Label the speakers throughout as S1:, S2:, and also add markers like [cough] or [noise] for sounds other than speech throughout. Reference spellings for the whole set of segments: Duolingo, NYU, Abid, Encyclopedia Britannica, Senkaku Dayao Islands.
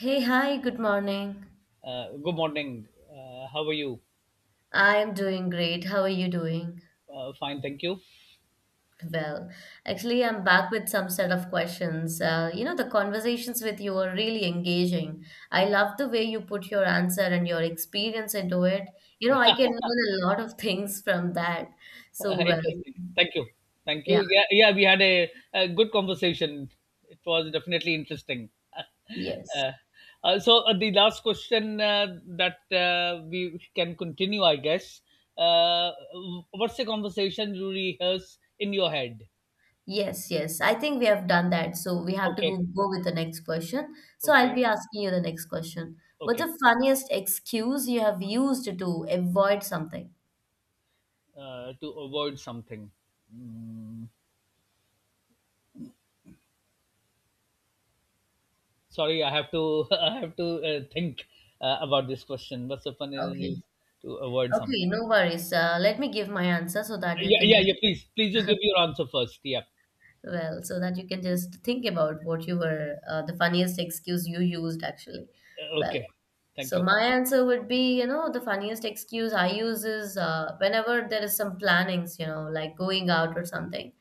S1: Hey, hi, good morning.
S2: Good morning. How are you?
S1: I am doing great. How are you doing?
S2: Fine, thank you.
S1: Well, actually, I'm back with some set of questions. The conversations with you are really engaging. I love the way you put your answer and your experience into it. I can learn a lot of [laughs] things from that. So,
S2: [laughs]
S1: well,
S2: Interesting. Thank you. Thank
S1: yeah,
S2: you. Yeah, yeah. We had a good conversation. It was definitely interesting. [laughs]
S1: yes.
S2: uh, the last question that we can continue, I guess. Uh, what's the conversation you rehearse in your head?
S1: Yes, yes. I think we have done that. So, we have to
S2: Okay,
S1: go with the next question. So, I'll
S2: okay,
S1: be asking you the next question. What's
S2: okay.
S1: the funniest excuse you have used to avoid something?
S2: To avoid something. Mm. Sorry, I have to [laughs] I have to think about this question. What's the fun is you
S1: Okay.
S2: to avoid something?
S1: Okay, no worries. Let me give my answer so that you
S2: Yeah,
S1: can
S2: yeah,
S1: just,
S2: yeah. Please, please, you give your answer first. Yeah.
S1: well, so that you can just think about what you the funniest excuse you used actually. Well,
S2: Okay. Thank
S1: so
S2: you.
S1: my answer would be, the funniest excuse I use is whenever there is some plannings, like going out or something.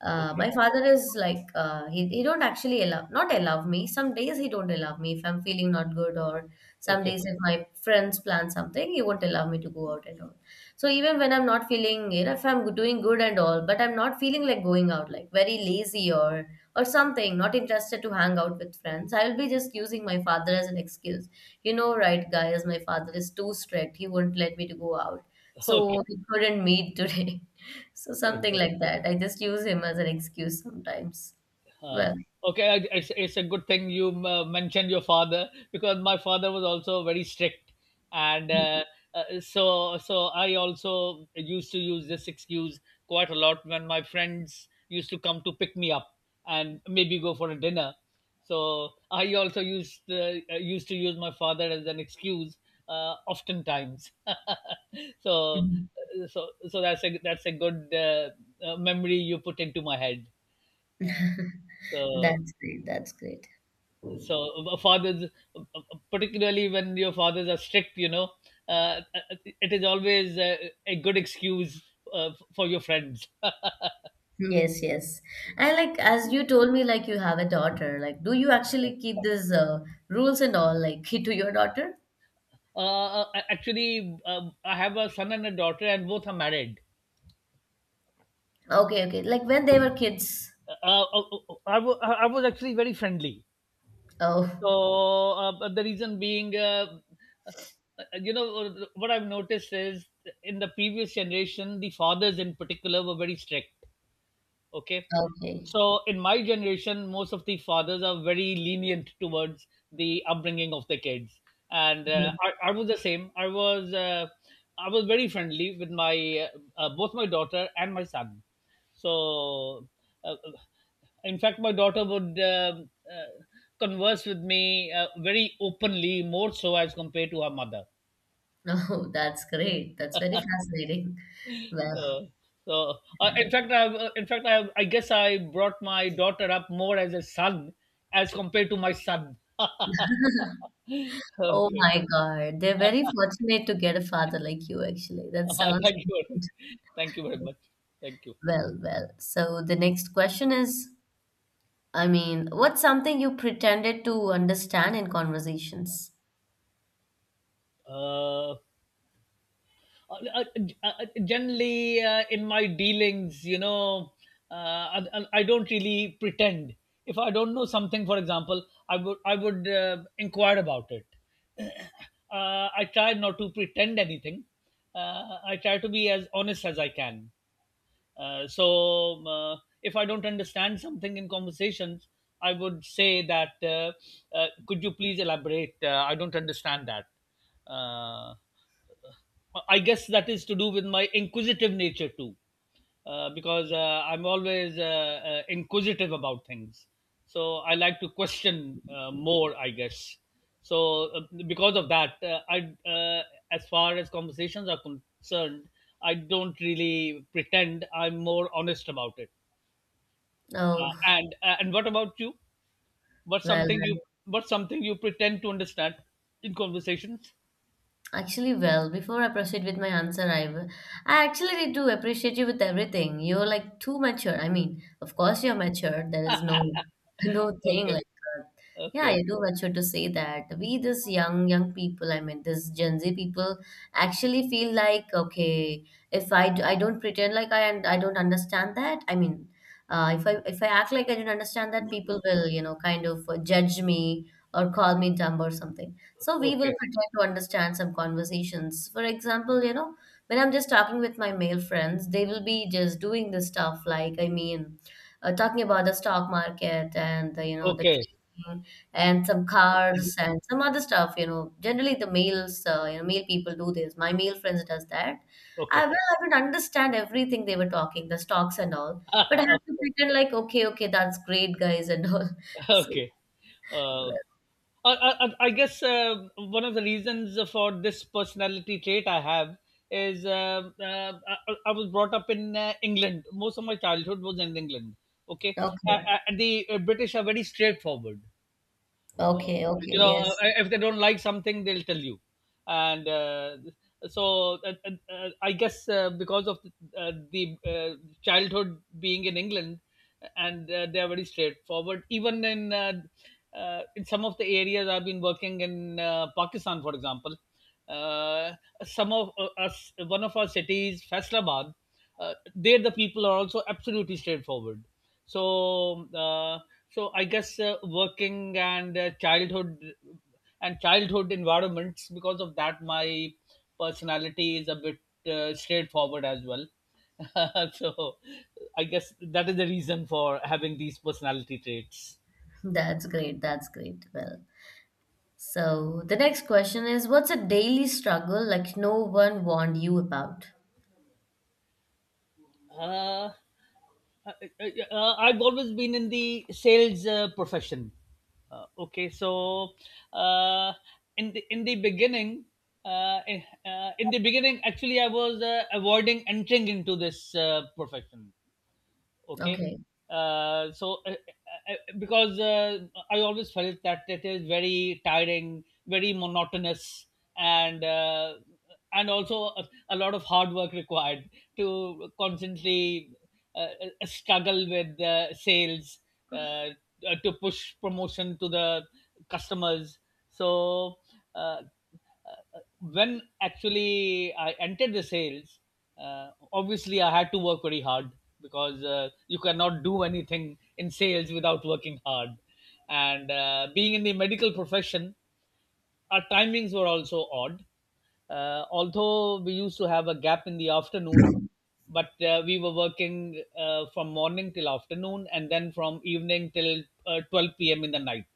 S2: Okay.
S1: My father is like uh, he don't actually allow not allow me. Some days he don't allow me if I'm feeling not good or some
S2: Okay.
S1: days if my friends plan something, he won't allow me to go out and all. So even when I'm not feeling, if I'm doing good and all, but I'm not feeling like going out, like very lazy or something, not interested to hang out with friends, I will be just using my father as an excuse. You know, right, guys, my father is too strict. He won't let me to go out.
S2: [laughs] Okay.
S1: So we couldn't meet today. [laughs] So something
S2: Okay.
S1: like that. I just use him as an excuse sometimes.
S2: Uh,
S1: Well,
S2: okay, it's a good thing you mentioned your father because my father was also very strict, and
S1: [laughs]
S2: so so I also used to use this excuse quite a lot when my friends used to come to pick me up and maybe go for a dinner. So I also used used to use my father as an excuse oftentimes. [laughs] so so that's a good memory you put into my head. So
S1: that's great. That's great.
S2: so fathers uh, uh, particularly when your fathers are strict, you know, uh, it is always a good excuse uh, for your friends. [laughs]
S1: Yes, yes. And like as you told me, like you have a daughter. Like, do you actually keep these rules and all, like [laughs] to your daughter?
S2: Actually, I have a son and a daughter, and both are married.
S1: Okay, okay. Like when they were kids.
S2: I I was actually very friendly.
S1: Oh,
S2: So but the reason being, uh, you know what I've noticed is, in the previous generation the fathers in particular were very strict. Okay,
S1: okay.
S2: so in my generation most of the fathers are very lenient towards the upbringing of the kids, and
S1: Mm.
S2: I was the same. I was I was very friendly with my both my daughter and my son. So uh, uh, in fact my daughter would uh, converse with me very openly, more so as compared to her mother.
S1: Oh, [laughs] that's great. That's very fascinating. Well,
S2: Uh, so, in fact, I've, in fact, I guess I brought my daughter up more as a son as compared to my son. [laughs]
S1: oh
S2: Okay, [laughs]
S1: my God. They're very fortunate to get a father like you, actually. That sounds
S2: thank you,
S1: good.
S2: thank you very much, thank you.
S1: Well, well. So the next question is, I mean, what's something you pretended to understand in conversations?
S2: Uh, uh, uh, Generally, in my dealings, you know, I don't really pretend. If I don't know something, for example, I would I would inquire about it. [coughs] [clears throat] I try not to pretend anything. I try to be as honest as I can. uh, so um, uh, if I don't understand something in conversations, I would say that could you please elaborate? I don't understand that. Uh, I guess that is to do with my inquisitive nature too, because I'm always inquisitive about things. So I like to question more, I guess. So because of that, I uh, as far as conversations are concerned, I don't really pretend. I'm more honest about it.
S1: Oh,
S2: And and what about you? What's
S1: well,
S2: something you
S1: well.
S2: what's something you pretend to understand in conversations?
S1: Actually, before I proceed with my answer, I actually need to appreciate you with everything. You're like too mature. I mean, of course you're mature. There is no [laughs] no thing
S2: Okay,
S1: like that. Yeah,
S2: okay,
S1: you're too mature to say that. We, this young people, I mean, this Gen Z people, actually feel like okay, if I d- I don't pretend like I and I don't understand that. I mean, if I act like I don't understand that, people will kind of judge me or call me dumb or something. So we will
S2: okay,
S1: pretend to understand some conversations. For example, when I'm just talking with my male friends, they will be just doing this stuff like, I mean, talking about the stock market and the, the
S2: okay,
S1: trading and some cars and some other stuff. You know, generally the males, male people do this. My male friends does that.
S2: okay.
S1: I would understand everything they were talking, the stocks and all, but I
S2: [laughs]
S1: have to
S2: Okay.
S1: pretend like, okay, okay, that's great, guys, and all. [laughs]
S2: [laughs]
S1: So,
S2: Okay. Uh,
S1: well,
S2: I guess one of the reasons for this personality trait I have is I was brought up in England. Most of my childhood was in England. Okay. Uh,
S1: okay,
S2: uh, the uh, British are very straightforward.
S1: okay, okay,
S2: You know,
S1: yes.
S2: if they don't like something they'll tell you, and so uh, I guess because of the childhood being in England, and they are very straightforward, even in some of the areas I've been working in, Pakistan for example. uh, some of us one of our cities, Faisalabad, there the people are also absolutely straightforward. So uh, so I guess working and childhood and childhood environments, because of that my personality is a bit straightforward as well. [laughs] So I guess that is the reason for having these personality traits.
S1: That's great. That's great. Well, so the next question is what's a daily struggle like no one warned you about?
S2: Uh, I've always been in the sales profession. Okay, so uh, in the beginning, in the beginning, actually, I was avoiding entering into this profession. Okay,
S1: Okay.
S2: because I always felt that it is very tiring, very monotonous, and uh, and also a lot of hard work required to constantly struggle with sales, uh, to push promotion to the customers. So uh, when actually I entered the sales, obviously I had to work very hard, because you cannot do anything in sales without working hard. And being in the medical profession, our timings were also odd. Although we used to have a gap in the afternoon, but we were working from morning till afternoon and then from evening till 12 p.m. in the night.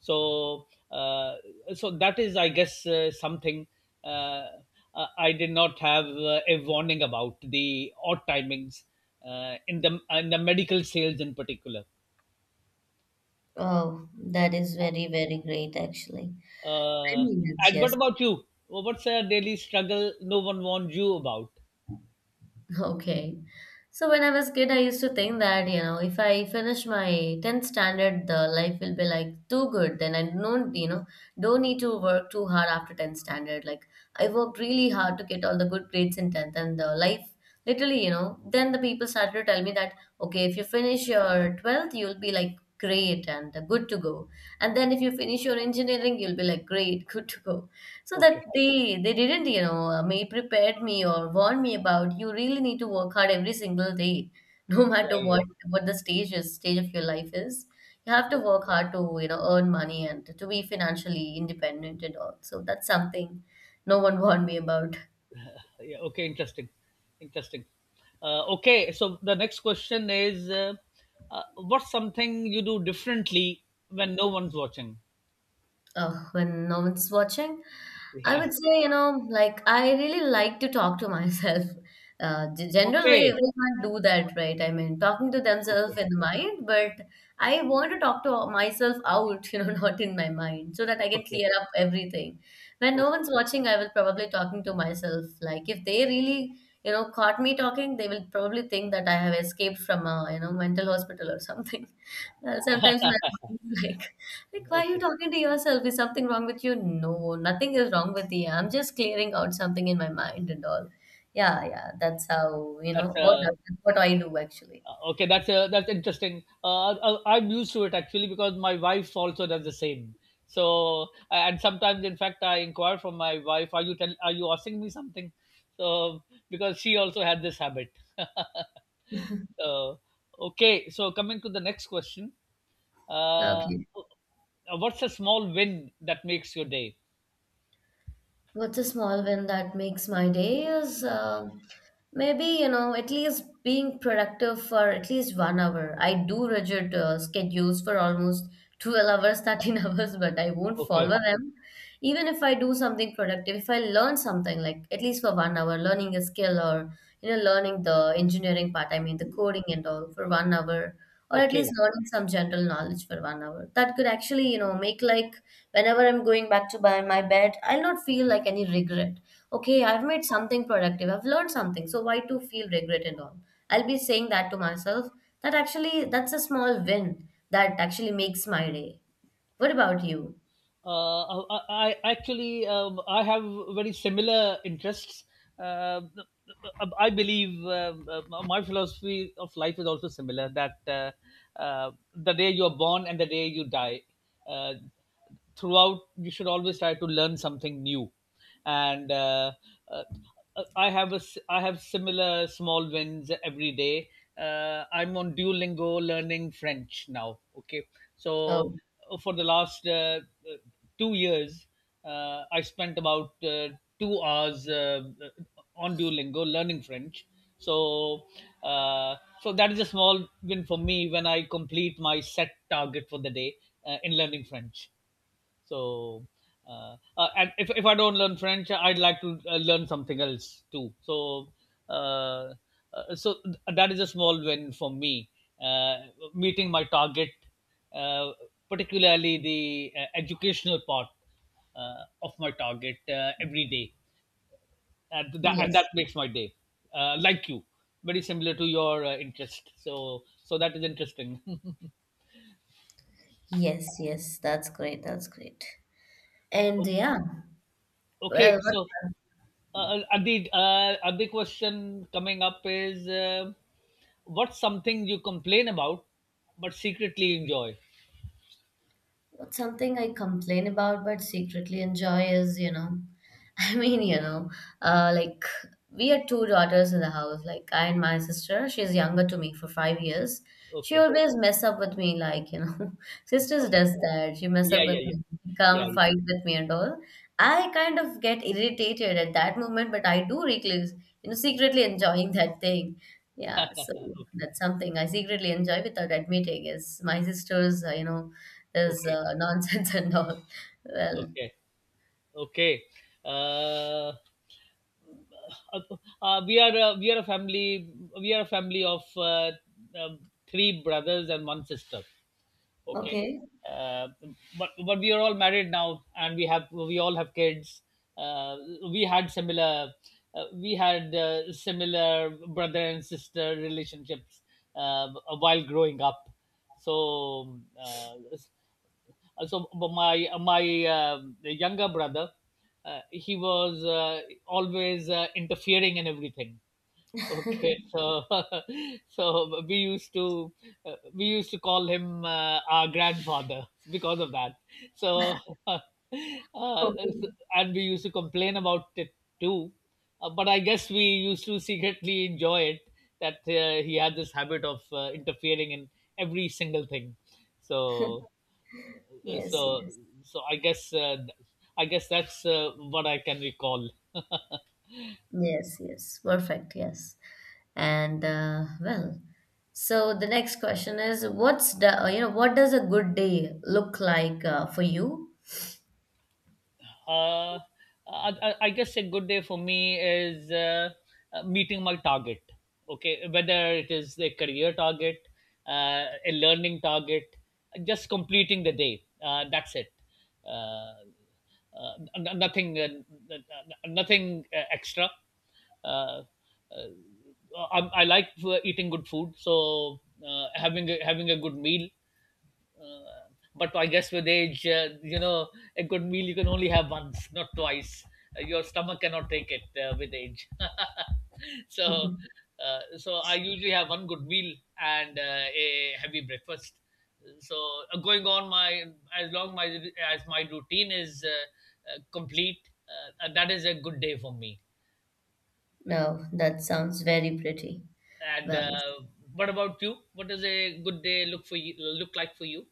S2: So, so that is, I guess, something uh, I did not have a warning about the odd timings in the medical sales in particular.
S1: Oh, that is very, very great, actually. I
S2: Uh,
S1: mean, it's
S2: and what
S1: yes.
S2: about you? Well, what's a daily struggle no one warned you about?
S1: [laughs] Okay. So when I was a kid, I used to think that, if I finish my 10th standard, the life will be like too good. Then I don't, you know, don't need to work too hard after 10th standard. Like I worked really hard to get all the good grades in 10th and the life literally, then the people started to tell me that, okay, if you finish your 12th, you'll be like great and good to go. And then if you finish your engineering, you'll be like great, [laughs] good to go. So
S2: Okay.
S1: that they didn't may prepared me or warn me about you really need to work hard every single day [laughs] no matter
S2: Yeah, yeah.
S1: what the stage of your life is. You have to work hard to earn money and to be financially independent and all. So that's something no one [laughs] warned me about.
S2: Yeah, okay, interesting. Interesting. Okay, so the next question is what's something you do differently when no one's watching?
S1: When no one's watching,
S2: [laughs]
S1: I
S2: Yeah.
S1: would say, like I really like to talk to [laughs] myself. Generally,
S2: Okay.
S1: everyone do that, right? I mean, talking to
S2: Okay.
S1: themselves in the mind, but I want to talk to myself out, [laughs] not in my mind, so that I can
S2: Okay.
S1: clear up everything. When no
S2: Okay.
S1: one's watching, I will probably talking to myself. Like if they really, caught me talking, they will probably think that I have escaped from a, mental hospital or something. [laughs] Sometimes my [laughs] mind is like why are you
S2: Okay.
S1: talking to yourself? Is something wrong with you? No, nothing is wrong with you. I'm just clearing out something in my mind and all. Yeah, yeah, that's how, you
S2: That's
S1: know, what,
S2: a
S1: that's what I do actually.
S2: Okay, that's interesting. I, I'm used to it actually because my wife also does the same. So, and sometimes, in fact, I inquire from my wife, "Are you tell, are you asking me something?" So because she also had this habit. [laughs] So okay, so coming to the next question, uh,
S1: Okay.
S2: what's a small win that makes your day?
S1: What's a small win that makes my day is um, maybe, at least being productive for at least 1 hour. I do rigid schedules for almost 12 hours, 13 [laughs] hours, but I won't
S2: Okay,
S1: follow them. Even if I do something productive, if I learn something, like at least for 1 hour, learning a skill or, learning the engineering part, I mean, the coding and all for 1 hour, or at least
S2: okay.
S1: learning some general knowledge for 1 hour, that could actually, make like whenever I'm going back to buy my bed, I'll not feel like any regret. Okay, I've made something productive. I've learned something. So why to feel regret and all? I'll be saying that to myself. That actually, that's a small win that actually makes my day. What about you?
S2: I actually I have very similar interests. Uh, I believe my philosophy of life is also similar. That the day you are born and the day you die, uh, throughout you should always try to learn something new, and uh, I have I have similar small wins every day. I'm on Duolingo learning French now. Okay,
S1: Oh,
S2: so for the last 2 years, I spent about 2 hours on Duolingo learning French. So uh, so that is a small win for me when I complete my set target for the day in learning French. So, and if I don't learn French, I'd like to learn something else too. So, uh, that is a small win for me. Uh, Meeting my target, uh, particularly the educational part of my target every day, and that
S1: yes.
S2: makes my day. Like you, very similar to your interest. So, so that is interesting.
S1: Yes, yes. That's great. That's great.
S2: [laughs]
S1: And
S2: O-
S1: yeah,
S2: okay,
S1: well, what,
S2: so Abid, a question coming up is what's something you complain about but secretly enjoy?
S1: what's something I complain about but secretly enjoy is, [laughs] I mean, like we had two daughters in the house. Like I and my sister, she's younger to me for 5 years. She
S2: Okay.
S1: always mess up with me, like [laughs] sisters
S2: Okay.
S1: does that. She mess
S2: Yeah,
S1: up
S2: yeah,
S1: with
S2: yeah.
S1: me,
S2: Yeah,
S1: come
S2: yeah.
S1: fight with me and all. I kind of get irritated at that moment, but I do recluse, secretly enjoying [laughs] that thing. Yeah, so
S2: Okay.
S1: that's something I secretly enjoy without admitting. Is my sister's, is
S2: Okay.
S1: [laughs] nonsense and all. Well,
S2: Okay. Okay. Uh, uh, we are a family, we are a family of um, three brothers and one sister. Okay,
S1: okay.
S2: uh, but we are all married now, and we have we all have kids. uh, we had similar we had similar brother and sister relationships uh, while growing up. So so my younger brother, he was always interfering in everything. Okay, so [laughs] so we used to call him our grandfather because of that. So, [laughs] uh,
S1: Okay.
S2: so- and we used to complain about it too, but I guess we used to secretly enjoy it, that he had this habit of interfering in every single thing. So uh,
S1: Yes,
S2: so
S1: yes,
S2: so I guess uh, I guess that's what I can recall.
S1: yes, yes. Perfect. Yes. And well, so the next question is, what's what does a good day look like for you?
S2: uh, uh, I guess a good day for me is meeting my target. Okay, whether it is a career target, a learning target, just completing the day. That's it. Uh, Nothing, nothing extra. Uh, uh, I like eating good food, so having having a good meal, uh, but I guess with age, you know, a good meal you can only have once, not twice. Your stomach cannot take it with age. [laughs] So,
S1: Mhm.
S2: so I usually have one good meal and a heavy breakfast. So going on my as long my as my routine is complete, that is a good day for me.
S1: No, that sounds very pretty.
S2: And
S1: Well,
S2: what about you? What does a good day look for you look like for you?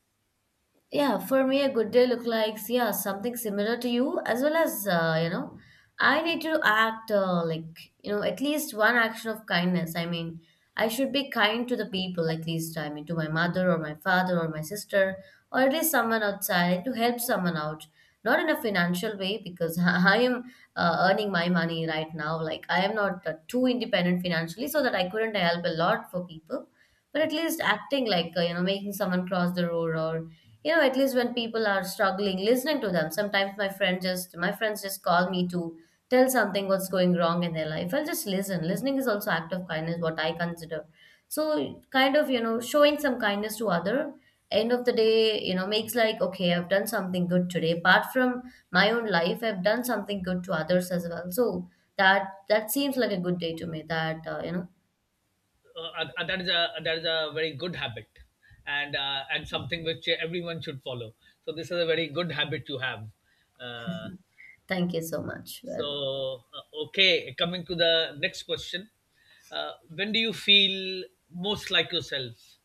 S1: yeah, for me, a good day look likes yeah something similar to you as well as I need to act like at least one action of kindness. I mean, I should be kind to the people at least. I mean, to my mother or my father or my sister or at least someone outside to help someone out. Not in a financial way because [laughs] I am earning my money right now. Like I am not too independent financially, so that I couldn't help a lot for people. But at least acting like making someone cross the road or at least when people are struggling, listening to them. Sometimes my friends just call me to tell something what's going wrong in their life. I'll just listening is also act of kindness, what I consider. So kind of, showing some kindness to other, end of the day, makes like okay, I've done something good today apart from my own life. I've done something good to others as well. So that seems like a good day to me, that
S2: That is a very good habit, and something which everyone should follow. So this is a very good habit you have. uh,
S1: thank you so much. Well,
S2: okay, coming to the next question. When do you feel most like yourself?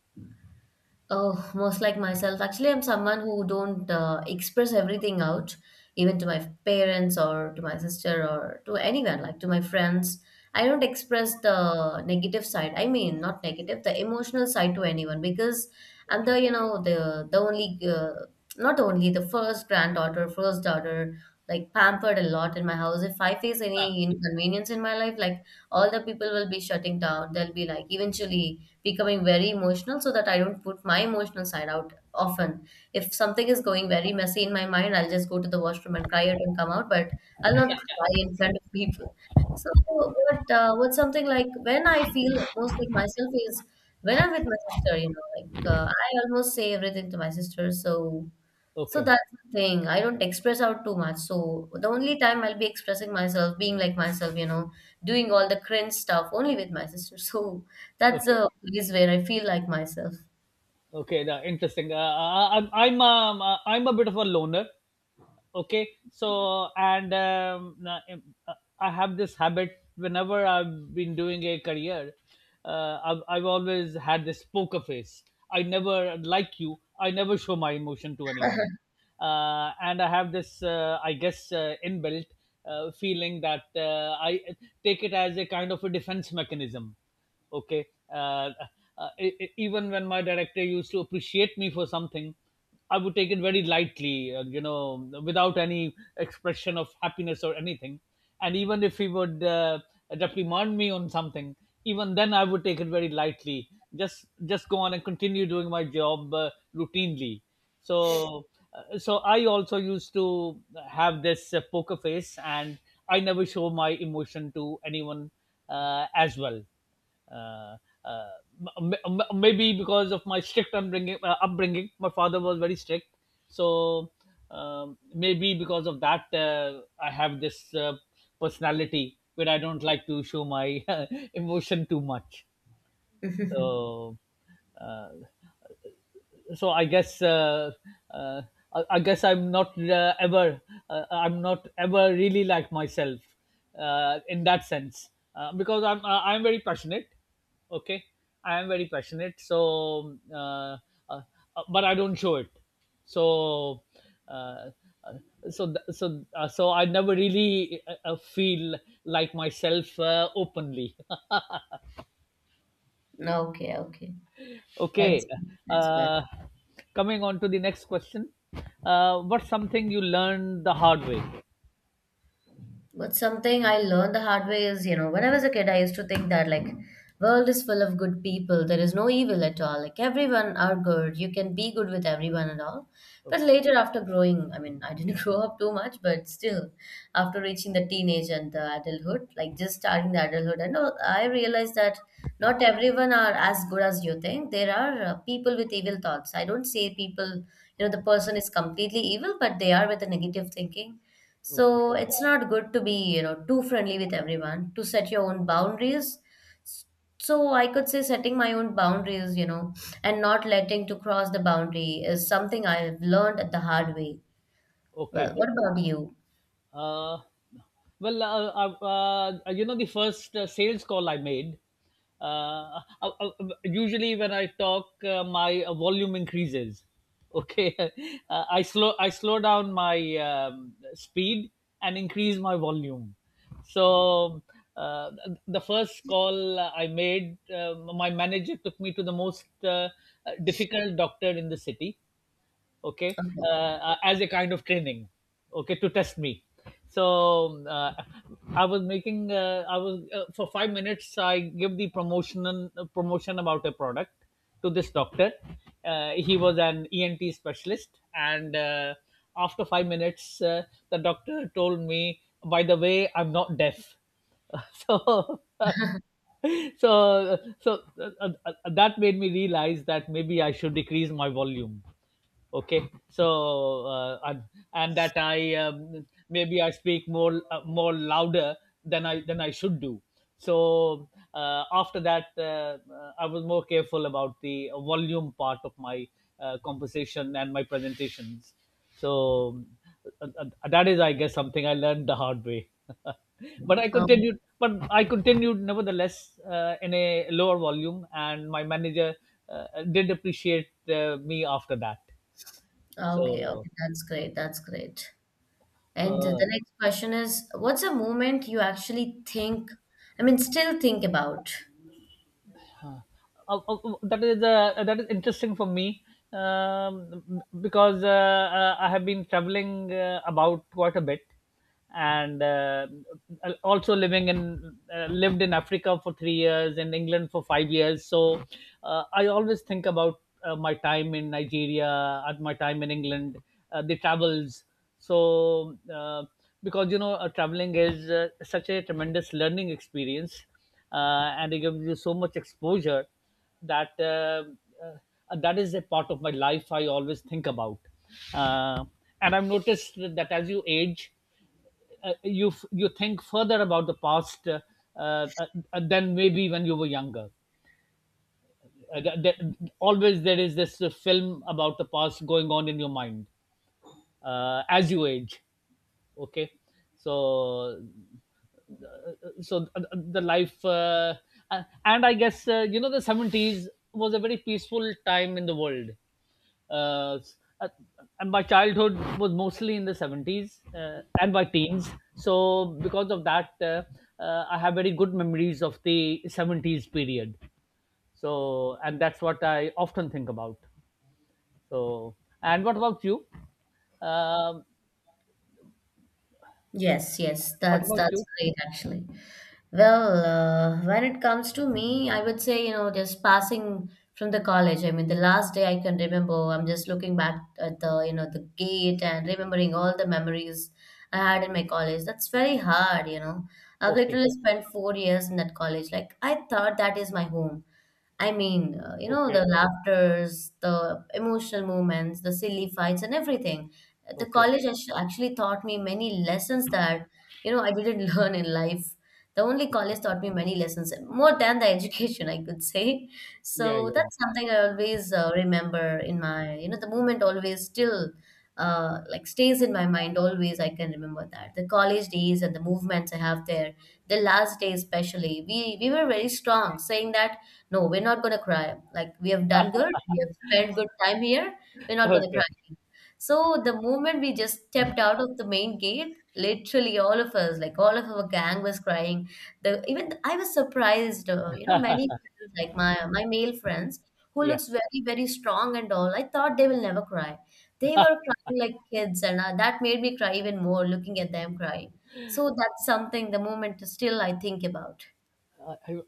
S1: oh, most like myself. Actually, I'm someone who don't express everything out, even to my parents or to my sister or to anyone, like to my friends. I don't express the negative side. I mean, not negative, the emotional side to anyone because I'm
S2: Okay.
S1: the, the only, not only the first granddaughter, first daughter, like pampered a lot in my house. If I face
S2: uh,
S1: any inconvenience in my life, like all the people will be shutting down. They'll be like, eventually becoming very emotional so that I don't put my emotional side out often. If something is going very messy in my mind, I'll just go to the washroom and cry it and come out, but I'll not cry in front of people. What's something like when I feel most like myself is when I'm with my sister, you know, like I almost say everything to my sister, so
S2: okay.
S1: that's the thing. I don't express out too much. So the only time I'll be expressing myself, being like myself, you know, doing all the cringe stuff only with my [laughs] sister. So that's
S2: Okay.
S1: a place where I feel like myself.
S2: Okay now, interesting. Uh, I, i'm i'm um, uh, i'm a bit of a loner. Okay. Uh, I have this habit whenever I've been doing a career. I've always had this poker face. I never show my emotion to anyone. And I have this, I guess, inbuilt feeling that, I take it as a kind of a defense mechanism. Okay. uh, Even when my director used to appreciate me for something, I would take it very lightly, without any expression of happiness or anything. And even if he would reprimand me on something, even then I would take it very lightly. Just go on and continue doing my job routinely. So so I also used to have this poker face, and I never show my emotion to anyone as well. uh, uh, Maybe because of my strict upbringing, my father was very strict. So, maybe because of that, I have this personality where I don't like to show my [laughs] emotion too much.
S1: [laughs]
S2: So uh, so uh, I guess I'm not ever really like myself in that sense, because I'm very passionate. Okay, I am very passionate. So, uh, but I don't show it. So, uh, uh, so I never really feel like myself openly.
S1: Okay, okay. That's,
S2: Okay.
S1: that's
S2: Uh, Coming on to the next question. What's something you learned the hard way?
S1: But something I learned the hard way is, you know, when I was a kid, I used to think that like world is full of good people. There is no evil at all. Like everyone are good. You can be good with everyone and all. But
S2: Okay.
S1: later after growing, I mean, I didn't [laughs] grow up too much, but still after reaching the teenage and the adulthood, like just starting the adulthood, and all, I realized that not everyone are as good as you think. There are people with evil thoughts. I don't say people, you know, the person is completely evil, but they are with a negative thinking
S2: Okay.
S1: so it's not good to be, you know, too friendly with everyone, to set your own boundaries. So I could say setting my own boundaries, you know, and not letting to cross the boundary is something I've learned at the hard way. Well,
S2: Okay.
S1: what about you?
S2: Uh, well, the first sales call I made, uh, uh, uh, usually when I talk, my volume increases. Okay. [laughs] I slow down my speed and increase my volume. So the first call I made, my manager took me to the most difficult doctor in the city. Okay.
S1: Okay.
S2: As a kind of training, okay, to test me. so uh, I was for 5 minutes, I give the promotion about a product to this doctor. He was an ENT specialist, and after 5 minutes, the doctor told me, "By the way, I'm not deaf." [laughs] so so uh, so uh, uh, uh, that made me realize that maybe I should decrease my volume. Okay. And that I, maybe I speak more louder than I should do. so After that, I was more careful about the volume part of my conversation and my presentations. So, that is, I guess, something I learned the hard way. [laughs] but i
S1: Um,
S2: continued but i continued nevertheless, in a lower volume, and my manager did appreciate me after that.
S1: okay,
S2: So,
S1: okay, that's great. That's great.
S2: uh,
S1: And the
S2: uh,
S1: next question is, what's a moment you actually think, I mean, still think about?
S2: uh, uh, that is interesting for me, because, I have been traveling about quite a bit, and also living in lived in Africa for 3 years, in England for 5 years. So, I always think about my time in Nigeria, at my time in England, the travels. So. Because, you know, traveling is such a tremendous learning experience, uh, and it gives you so much exposure that, that is a part of my life I always think about. Uh, and I've noticed that as you age, you think further about the past, uh, than maybe when you were younger. Uh, th- th- Always there is this film about the past going on in your mind, as you age. Okay. So so uh, uh, the life, and I guess, the 70s was a very peaceful time in the world. uh, uh, and my childhood was mostly in the 70s, and my teens. So because of that, I have very good memories of the 70s period. And that's what I often think about. so and what about you? um,
S1: Yes, yes,
S2: what about
S1: that's
S2: you
S1: great actually. Well, when it comes to me, I would say, you know, just passing from the college. I mean, the last day I can remember, I'm just looking back at the, you know, the gate and remembering all the memories I had in my college. That's very hard, you know. I've
S2: okay.
S1: literally spent 4 years in that college. Like, I thought that is my home. I mean, you know,
S2: Okay.
S1: the laughters, the emotional moments, the silly fights, and everything. The
S2: Okay.
S1: college actually taught me many lessons that, you know, I didn't [laughs] learn in life. The only college taught me many lessons, more than the [laughs] education, I could say.
S2: Yeah,
S1: So
S2: yeah, yeah.
S1: that's something I always remember in my, you know, the moment always still like stays in my mind always. I can remember that. The college days and the movements I have there, the last day especially, we were very strong, saying that no, we're not gonna cry. Like we have done good, we have spent good time here. We're not gonna cry.
S2: Okay.
S1: Again. So the moment we just stepped out of the main gate, literally all of us, like all of our gang, was crying. The even I was surprised. You know, many friends, like my male friends, who
S2: Yeah.
S1: looks very very strong and all. I thought they will never cry. They were crying like kids, and that made me cry even more looking at them crying. So that's something. The moment still I think about.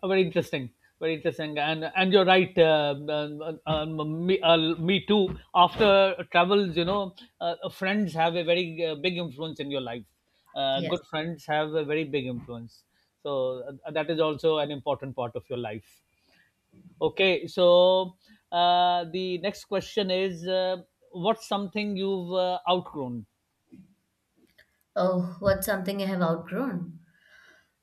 S2: Very interesting. Very interesting, and you're right. Me too. After travels, you know, friends have a very big influence in your life.
S1: Yes.
S2: Good friends have a very big influence. So, that is also an important part of your life. Okay, so, the next question is, what's something you've outgrown?
S1: Oh, what's something I have outgrown?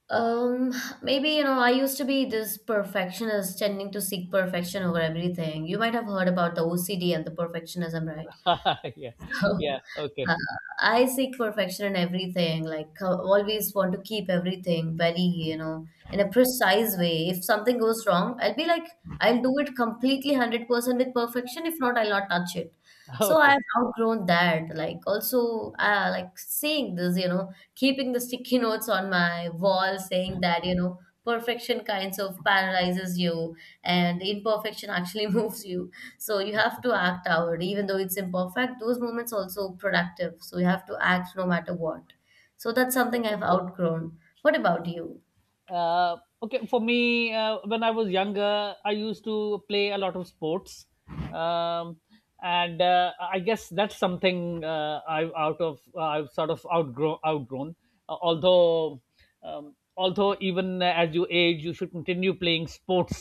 S1: Um, Maybe, you know, I used to be this perfectionist tending to seek perfection over everything. You might have heard about the OCD and the perfectionism, right?
S2: [laughs] Yeah,
S1: [laughs]
S2: yeah.
S1: Oh,
S2: Okay.
S1: uh, I seek perfection in everything, like I always want to keep everything very, you know, in a precise way. If something goes wrong, I'll be like, I'll do it completely 100% with perfection. If not, I'll not touch it.
S2: [laughs]
S1: So
S2: Okay.
S1: I've outgrown that. Like also, like saying this, you know, keeping the sticky [laughs] notes on my wall, saying that, you know, perfection kinds of paralyzes you and imperfection actually [laughs] moves you. So you have to act out, even though it's imperfect. Those moments also productive. So you have to act no matter what. So that's something I've outgrown. What about you?
S2: uh, okay, for me, when I was younger, I used to play a lot of sports. um, and, I guess that's something, I've sort of outgrown. Uh, although although even as you age, you should continue playing sports,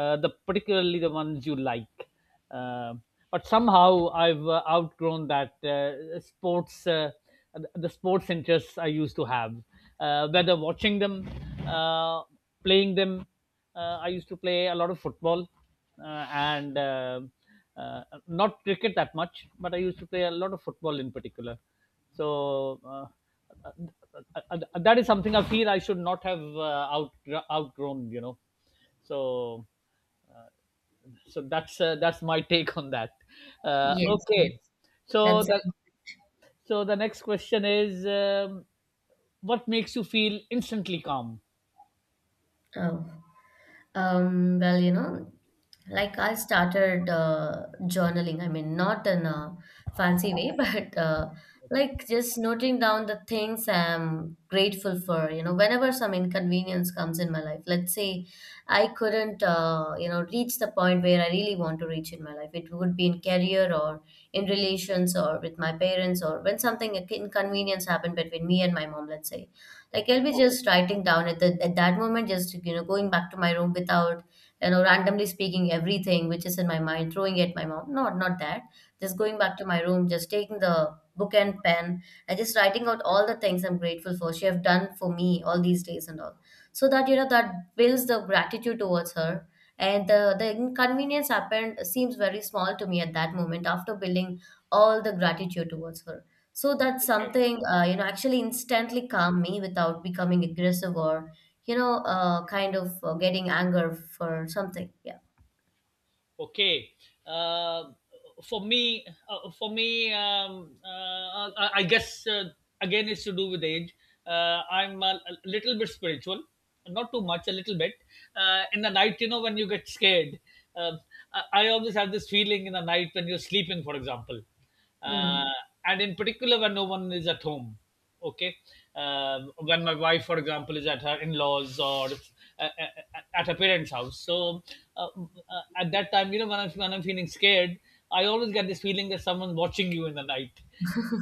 S2: the particularly the ones you like. um but somehow I've outgrown that, sports, the sports interests I used to have. Whether watching them, uh, playing them, I used to play a lot of football, and, not cricket that much, but I used to play a lot of football in particular. So, uh, that is something I feel I should not have out outgrown, you know. So so that's my [laughs] take on that.
S1: Yes, yes.
S2: Okay. so
S1: That's
S2: the so the next question is, what makes you feel instantly calm?
S1: oh. Well, you know, like I started journaling. I mean, not in a fancy way, [laughs] but like just noting down the things I'm grateful for. You know, whenever some inconvenience comes in my life, let's say I couldn't, you know, reach the point where I really want to reach in my life. It would be in career or in relations or with my parents or when something inconvenience happened between me and my mom, let's say like
S2: Okay.
S1: I'll be just writing down at the at that moment, just you know, going back to my room without you know randomly speaking everything which is in my mind, throwing it at my mouth. Not that. Just going
S2: Okay.
S1: back to my room, just taking the book and pen and just writing out all the things I'm grateful for. She have done for me all these days and all. So that you know that builds the gratitude towards her. And the inconvenience happened seems very small to me at that moment after building all the gratitude towards her. So that's
S2: Okay.
S1: something, you know, actually instantly calm me without becoming aggressive or, you know, kind of getting anger for something. Yeah.
S2: Okay. uh, for me, I guess, again, it's to do with age. I'm a little bit spiritual, not too much, a little bit. In the night, you know, when you get scared, um, I always have this feeling in the night when you're sleeping, for example. uh,
S1: Mm.
S2: and in particular when no one is at home. Okay. Um when my wife, for example, is at her in-laws, or, at her parents' house, so, uh, at that time, you know, when I'm feeling scared, I always get this feeling that someone's watching you in the night.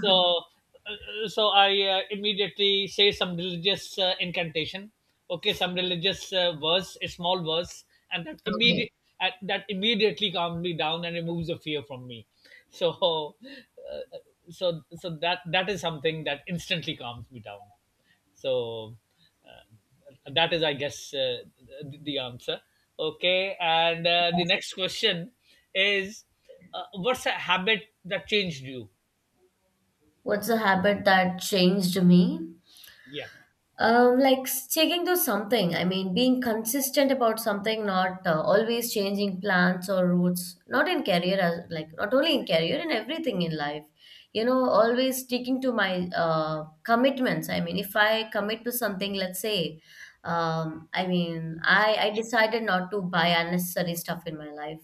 S2: so so I immediately say some religious incantation. Okay, some religious verse, a small verse. and that
S1: Okay.
S2: immediate at, that immediately calms me down and removes the fear from me. so [laughs] uh, so that is something that instantly calms me down. So, that is, I guess, the answer. Okay, and, the next question is, what's a habit that changed you?
S1: What's a habit that changed me?
S2: Yeah.
S1: Like sticking to something. I mean, being consistent about something, not always changing plans or routes. Not in career, as like not only in career, in everything in life. You know, always sticking to my commitments. I mean, if I commit to something, let's say, I mean, I decided not to buy unnecessary stuff in my life,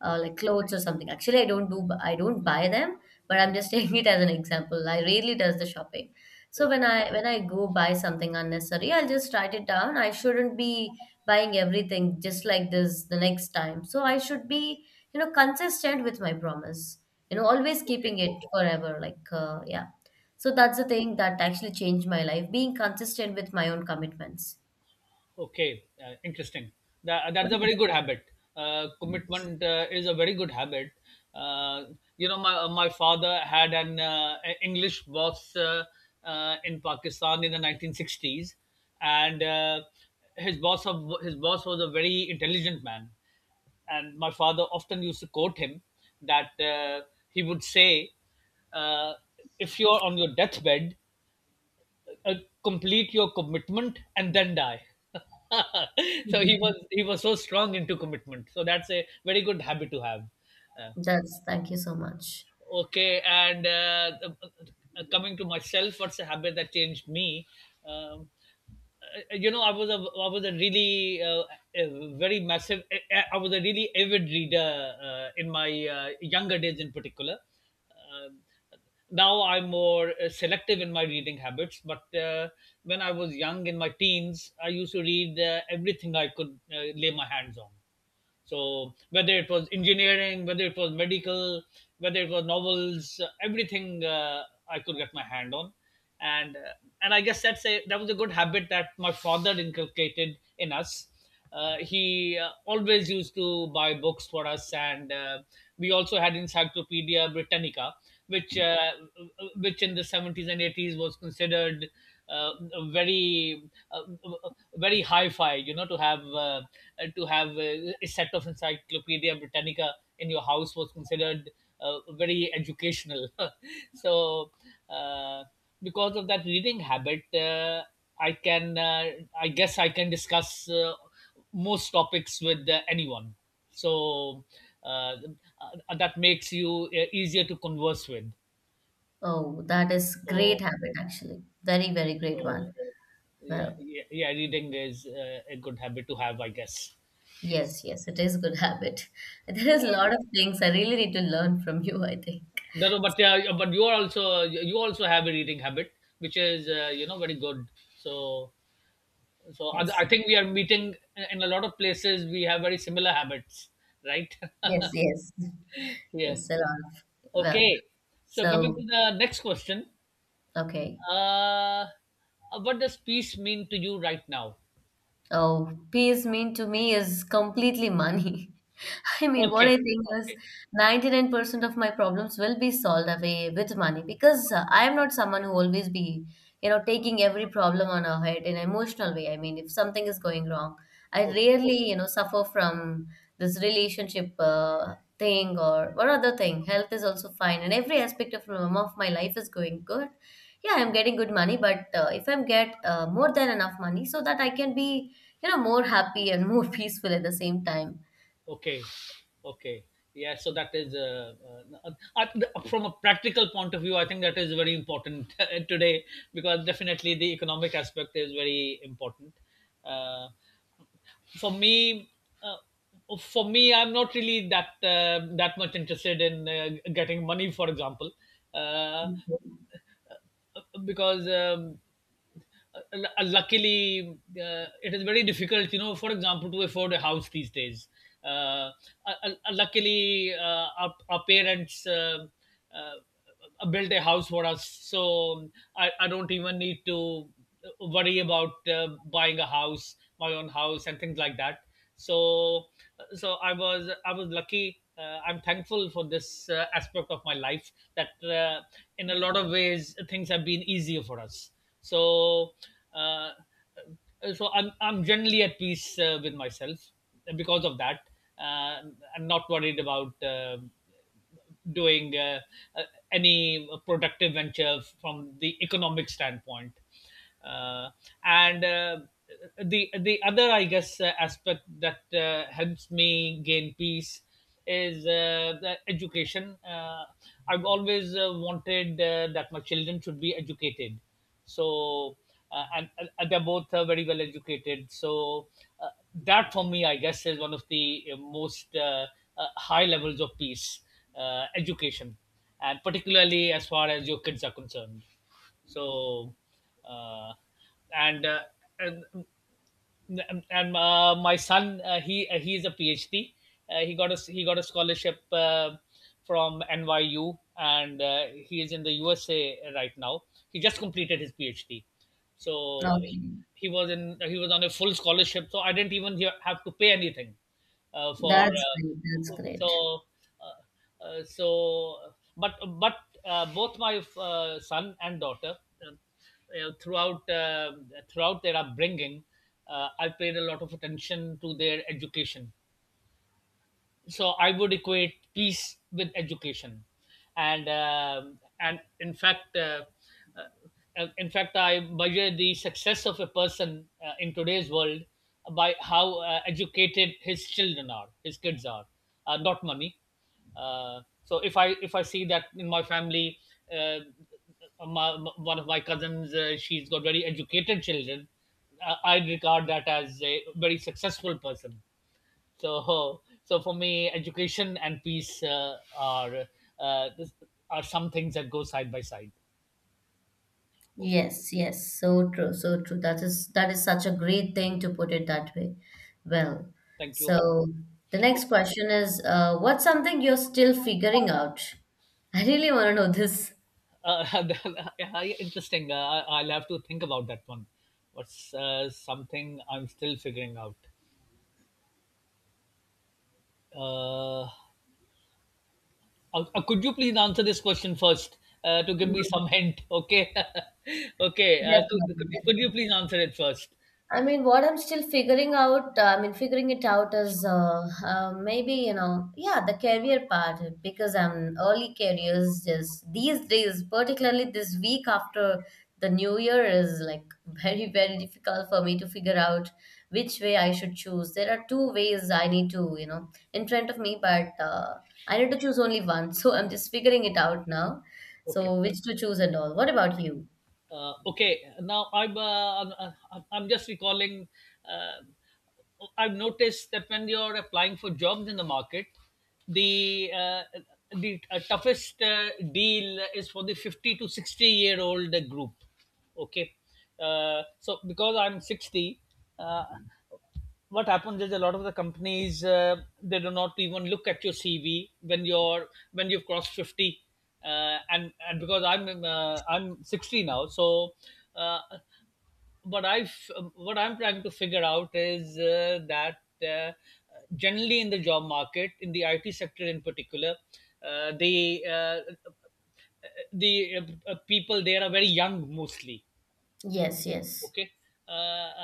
S2: Okay,
S1: like clothes or something. Actually, I don't buy them, but I'm just [laughs] taking it as an example. I rarely does the shopping so
S2: okay,
S1: when I go buy something unnecessary, I'll just write it down. I shouldn't be buying everything just like this the next time. So I should be, you know, consistent with my promise. You know, always keeping it forever. Like, yeah. So that's
S2: okay,
S1: the thing that actually changed my life, being consistent with my own commitments.
S2: okay. Interesting. That,
S1: [laughs] What
S2: that's a
S1: about
S2: very good habit.
S1: you?
S2: Commitment is a very good habit. Uh, you know, my father had an English boss, in Pakistan in the 1960s, and, his boss of his boss was a very intelligent man, and my father often used to quote him. That, he would say, uh, "If you're on your deathbed, uh, complete your commitment, and then die." [laughs] So he was so strong into commitment. So that's a very good habit to have. Uh,
S1: That's thank you so much.
S2: Okay, and, coming to myself, what's a habit that changed me? Um, I was a really, a very massive. I was a really avid reader in my younger days, in particular. Um Now I'm more selective in my reading habits, but, when I was young in my teens, I used to read everything I could lay my hands on. So whether it was engineering, whether it was medical, whether it was novels, everything I could get my hand on, and uh, and I guess that was a good habit that my father inculcated in us. He always used to buy books for us, and we also had Encyclopedia Britannica, which uh, which in the 70s and eighties was considered, uh, very, uh, very hi-fi. You know, to have a set of Encyclopedia Britannica in your house was considered, very educational. [laughs] So uh, because of that reading habit, i can uh, I guess I can discuss most topics with anyone. So, uh, that makes you easier to converse with.
S1: Oh, that is great
S2: so
S1: habit actually. Very, very great
S2: so
S1: one.
S2: yeah,
S1: Well,
S2: yeah, yeah. Reading is a good habit to have, I guess.
S1: yes, yes, it is good habit. [laughs] There is
S2: Yeah.
S1: a lot of things I really need to learn from you, I think.
S2: No, no, but yeah, yeah, but you also have a reading habit, which is, very good. So, so
S1: Yes,
S2: I, I think we are meeting in a lot of places. We have very similar habits, right? [laughs]
S1: yes, yes,
S2: Yeah.
S1: yes, a lot of. Well,
S2: Okay. So coming
S1: so,
S2: to the next question,
S1: okay.
S2: uh, what does peace mean to you right now?
S1: Oh, peace mean to me is completely money. [laughs] I mean, what
S2: Okay.
S1: I think is
S2: Okay.
S1: 99% of my problems will be solved away with money because I am not someone who always be, you know, taking every problem on our head in an emotional way. I mean, if something is going wrong, I
S2: Okay.
S1: rarely, you know, suffer from this relationship thing or one other thing. Health is also fine, and every aspect of my life is going good. Yeah, I'm getting good money, but if I'm get more than enough money so that I can be you know, more happy and more [laughs] peaceful at the same time.
S2: Okay, okay, yeah. So that is uh, from a practical point of view, I think that is very important [laughs] today because definitely the economic aspect is very important. Uh, for me for me I'm not really that that much interested in getting money, for example, uh, because uh, luckily it is very difficult, you know, for example, to afford a house these days. uh, Luckily our parents uh, built a house for us, so um, I don't even need to worry about buying a house my own house and things like that. So uh, so i was i was lucky. I'm thankful for this aspect of my life that in a lot of ways things have been easier for us. So uh, so i'm i'm generally at peace with myself because of that. uh, I'm not worried about doing uh, any productive venture from the economic standpoint, uh, and the other, I guess, aspect that helps me gain peace is the education. I've always wanted that my children should be educated. so uh, and, and they're both very well educated, so that for me, I guess, is one of the most high levels of peace, education, and particularly as far as your kids are concerned. so uh, and, uh, and my son, he is a PhD. He got a scholarship from NYU, and he is in the USA right now. He just completed his PhD, so
S1: Okay.
S2: he was on a full scholarship, so I didn't have to pay anything for
S1: That's great. That's
S2: so
S1: great.
S2: uh, so but but both my son and daughter, uh, you know, throughout throughout their upbringing, I paid a lot of attention to their education, so I would equate peace with education. And In fact, uh, in fact, I measure the success of a person in today's world by how educated his children are, his kids are, not money. So if I see that in my family, uh, my- one of my cousins, she's got very educated children. I regard that as a very successful person. So for me, education and peace are this are some things that go side by side.
S1: Yes, yes. So true. So true. That is such a great thing to put it that way. Well,
S2: Thank you.
S1: so the
S2: Oh,
S1: next question is, what's something you're still figuring out? I really want to know this.
S2: Uh, [laughs] yeah, interesting. I'll have to think about that one. What's something I'm still figuring out? Uh, could you please answer this question first to give me
S1: Mm,
S2: some hint? Okay, [laughs] okay.
S1: definitely.
S2: Could you please answer it first?
S1: I mean, what I'm still figuring out, I mean, figuring it out is maybe, you know, yeah, the career part, because I'm early careers just these days, particularly this week after the new year, is like [laughs] very, very difficult for me to figure out which way I should choose. There are two ways I need to, you know, in front of me, but I need to choose only one. [laughs] So I'm just figuring it out now.
S2: Okay.
S1: So, which to choose and all. What about you?
S2: Okay, now I'm just recalling. uh, I've noticed that when you're applying for jobs in the market, the toughest deal is for the 50 to 60 year old group. Okay. So because I'm 60, uh, what happens is a lot of the companies, they do not even look at your CV when you've crossed 50, and because I'm 60 now. So uh, but I've What I'm trying to figure out is that generally in the job market, in the IT sector in particular, uh, the uh, the people there are very young mostly.
S1: Yes, yes.
S2: Okay. Uh,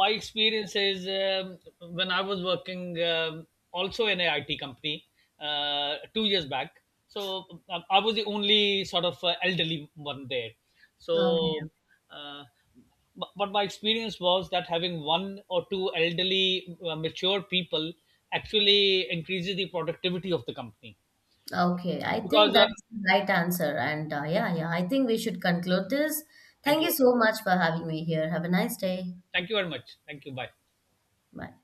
S2: my experience is, when I was working, also in a IT company 2 years back. So I was the only sort of elderly one there.
S1: Okay.
S2: So, uh, but my experience was that having one or two elderly, mature people actually increases the productivity of the company,
S1: Okay, I think
S2: because
S1: that's the right answer. And yeah, yeah, I think we should conclude this.
S2: thank
S1: Thank you
S2: you
S1: so much for having me here. Have a nice day.
S2: thank you very much, thank you, bye.
S1: Bye.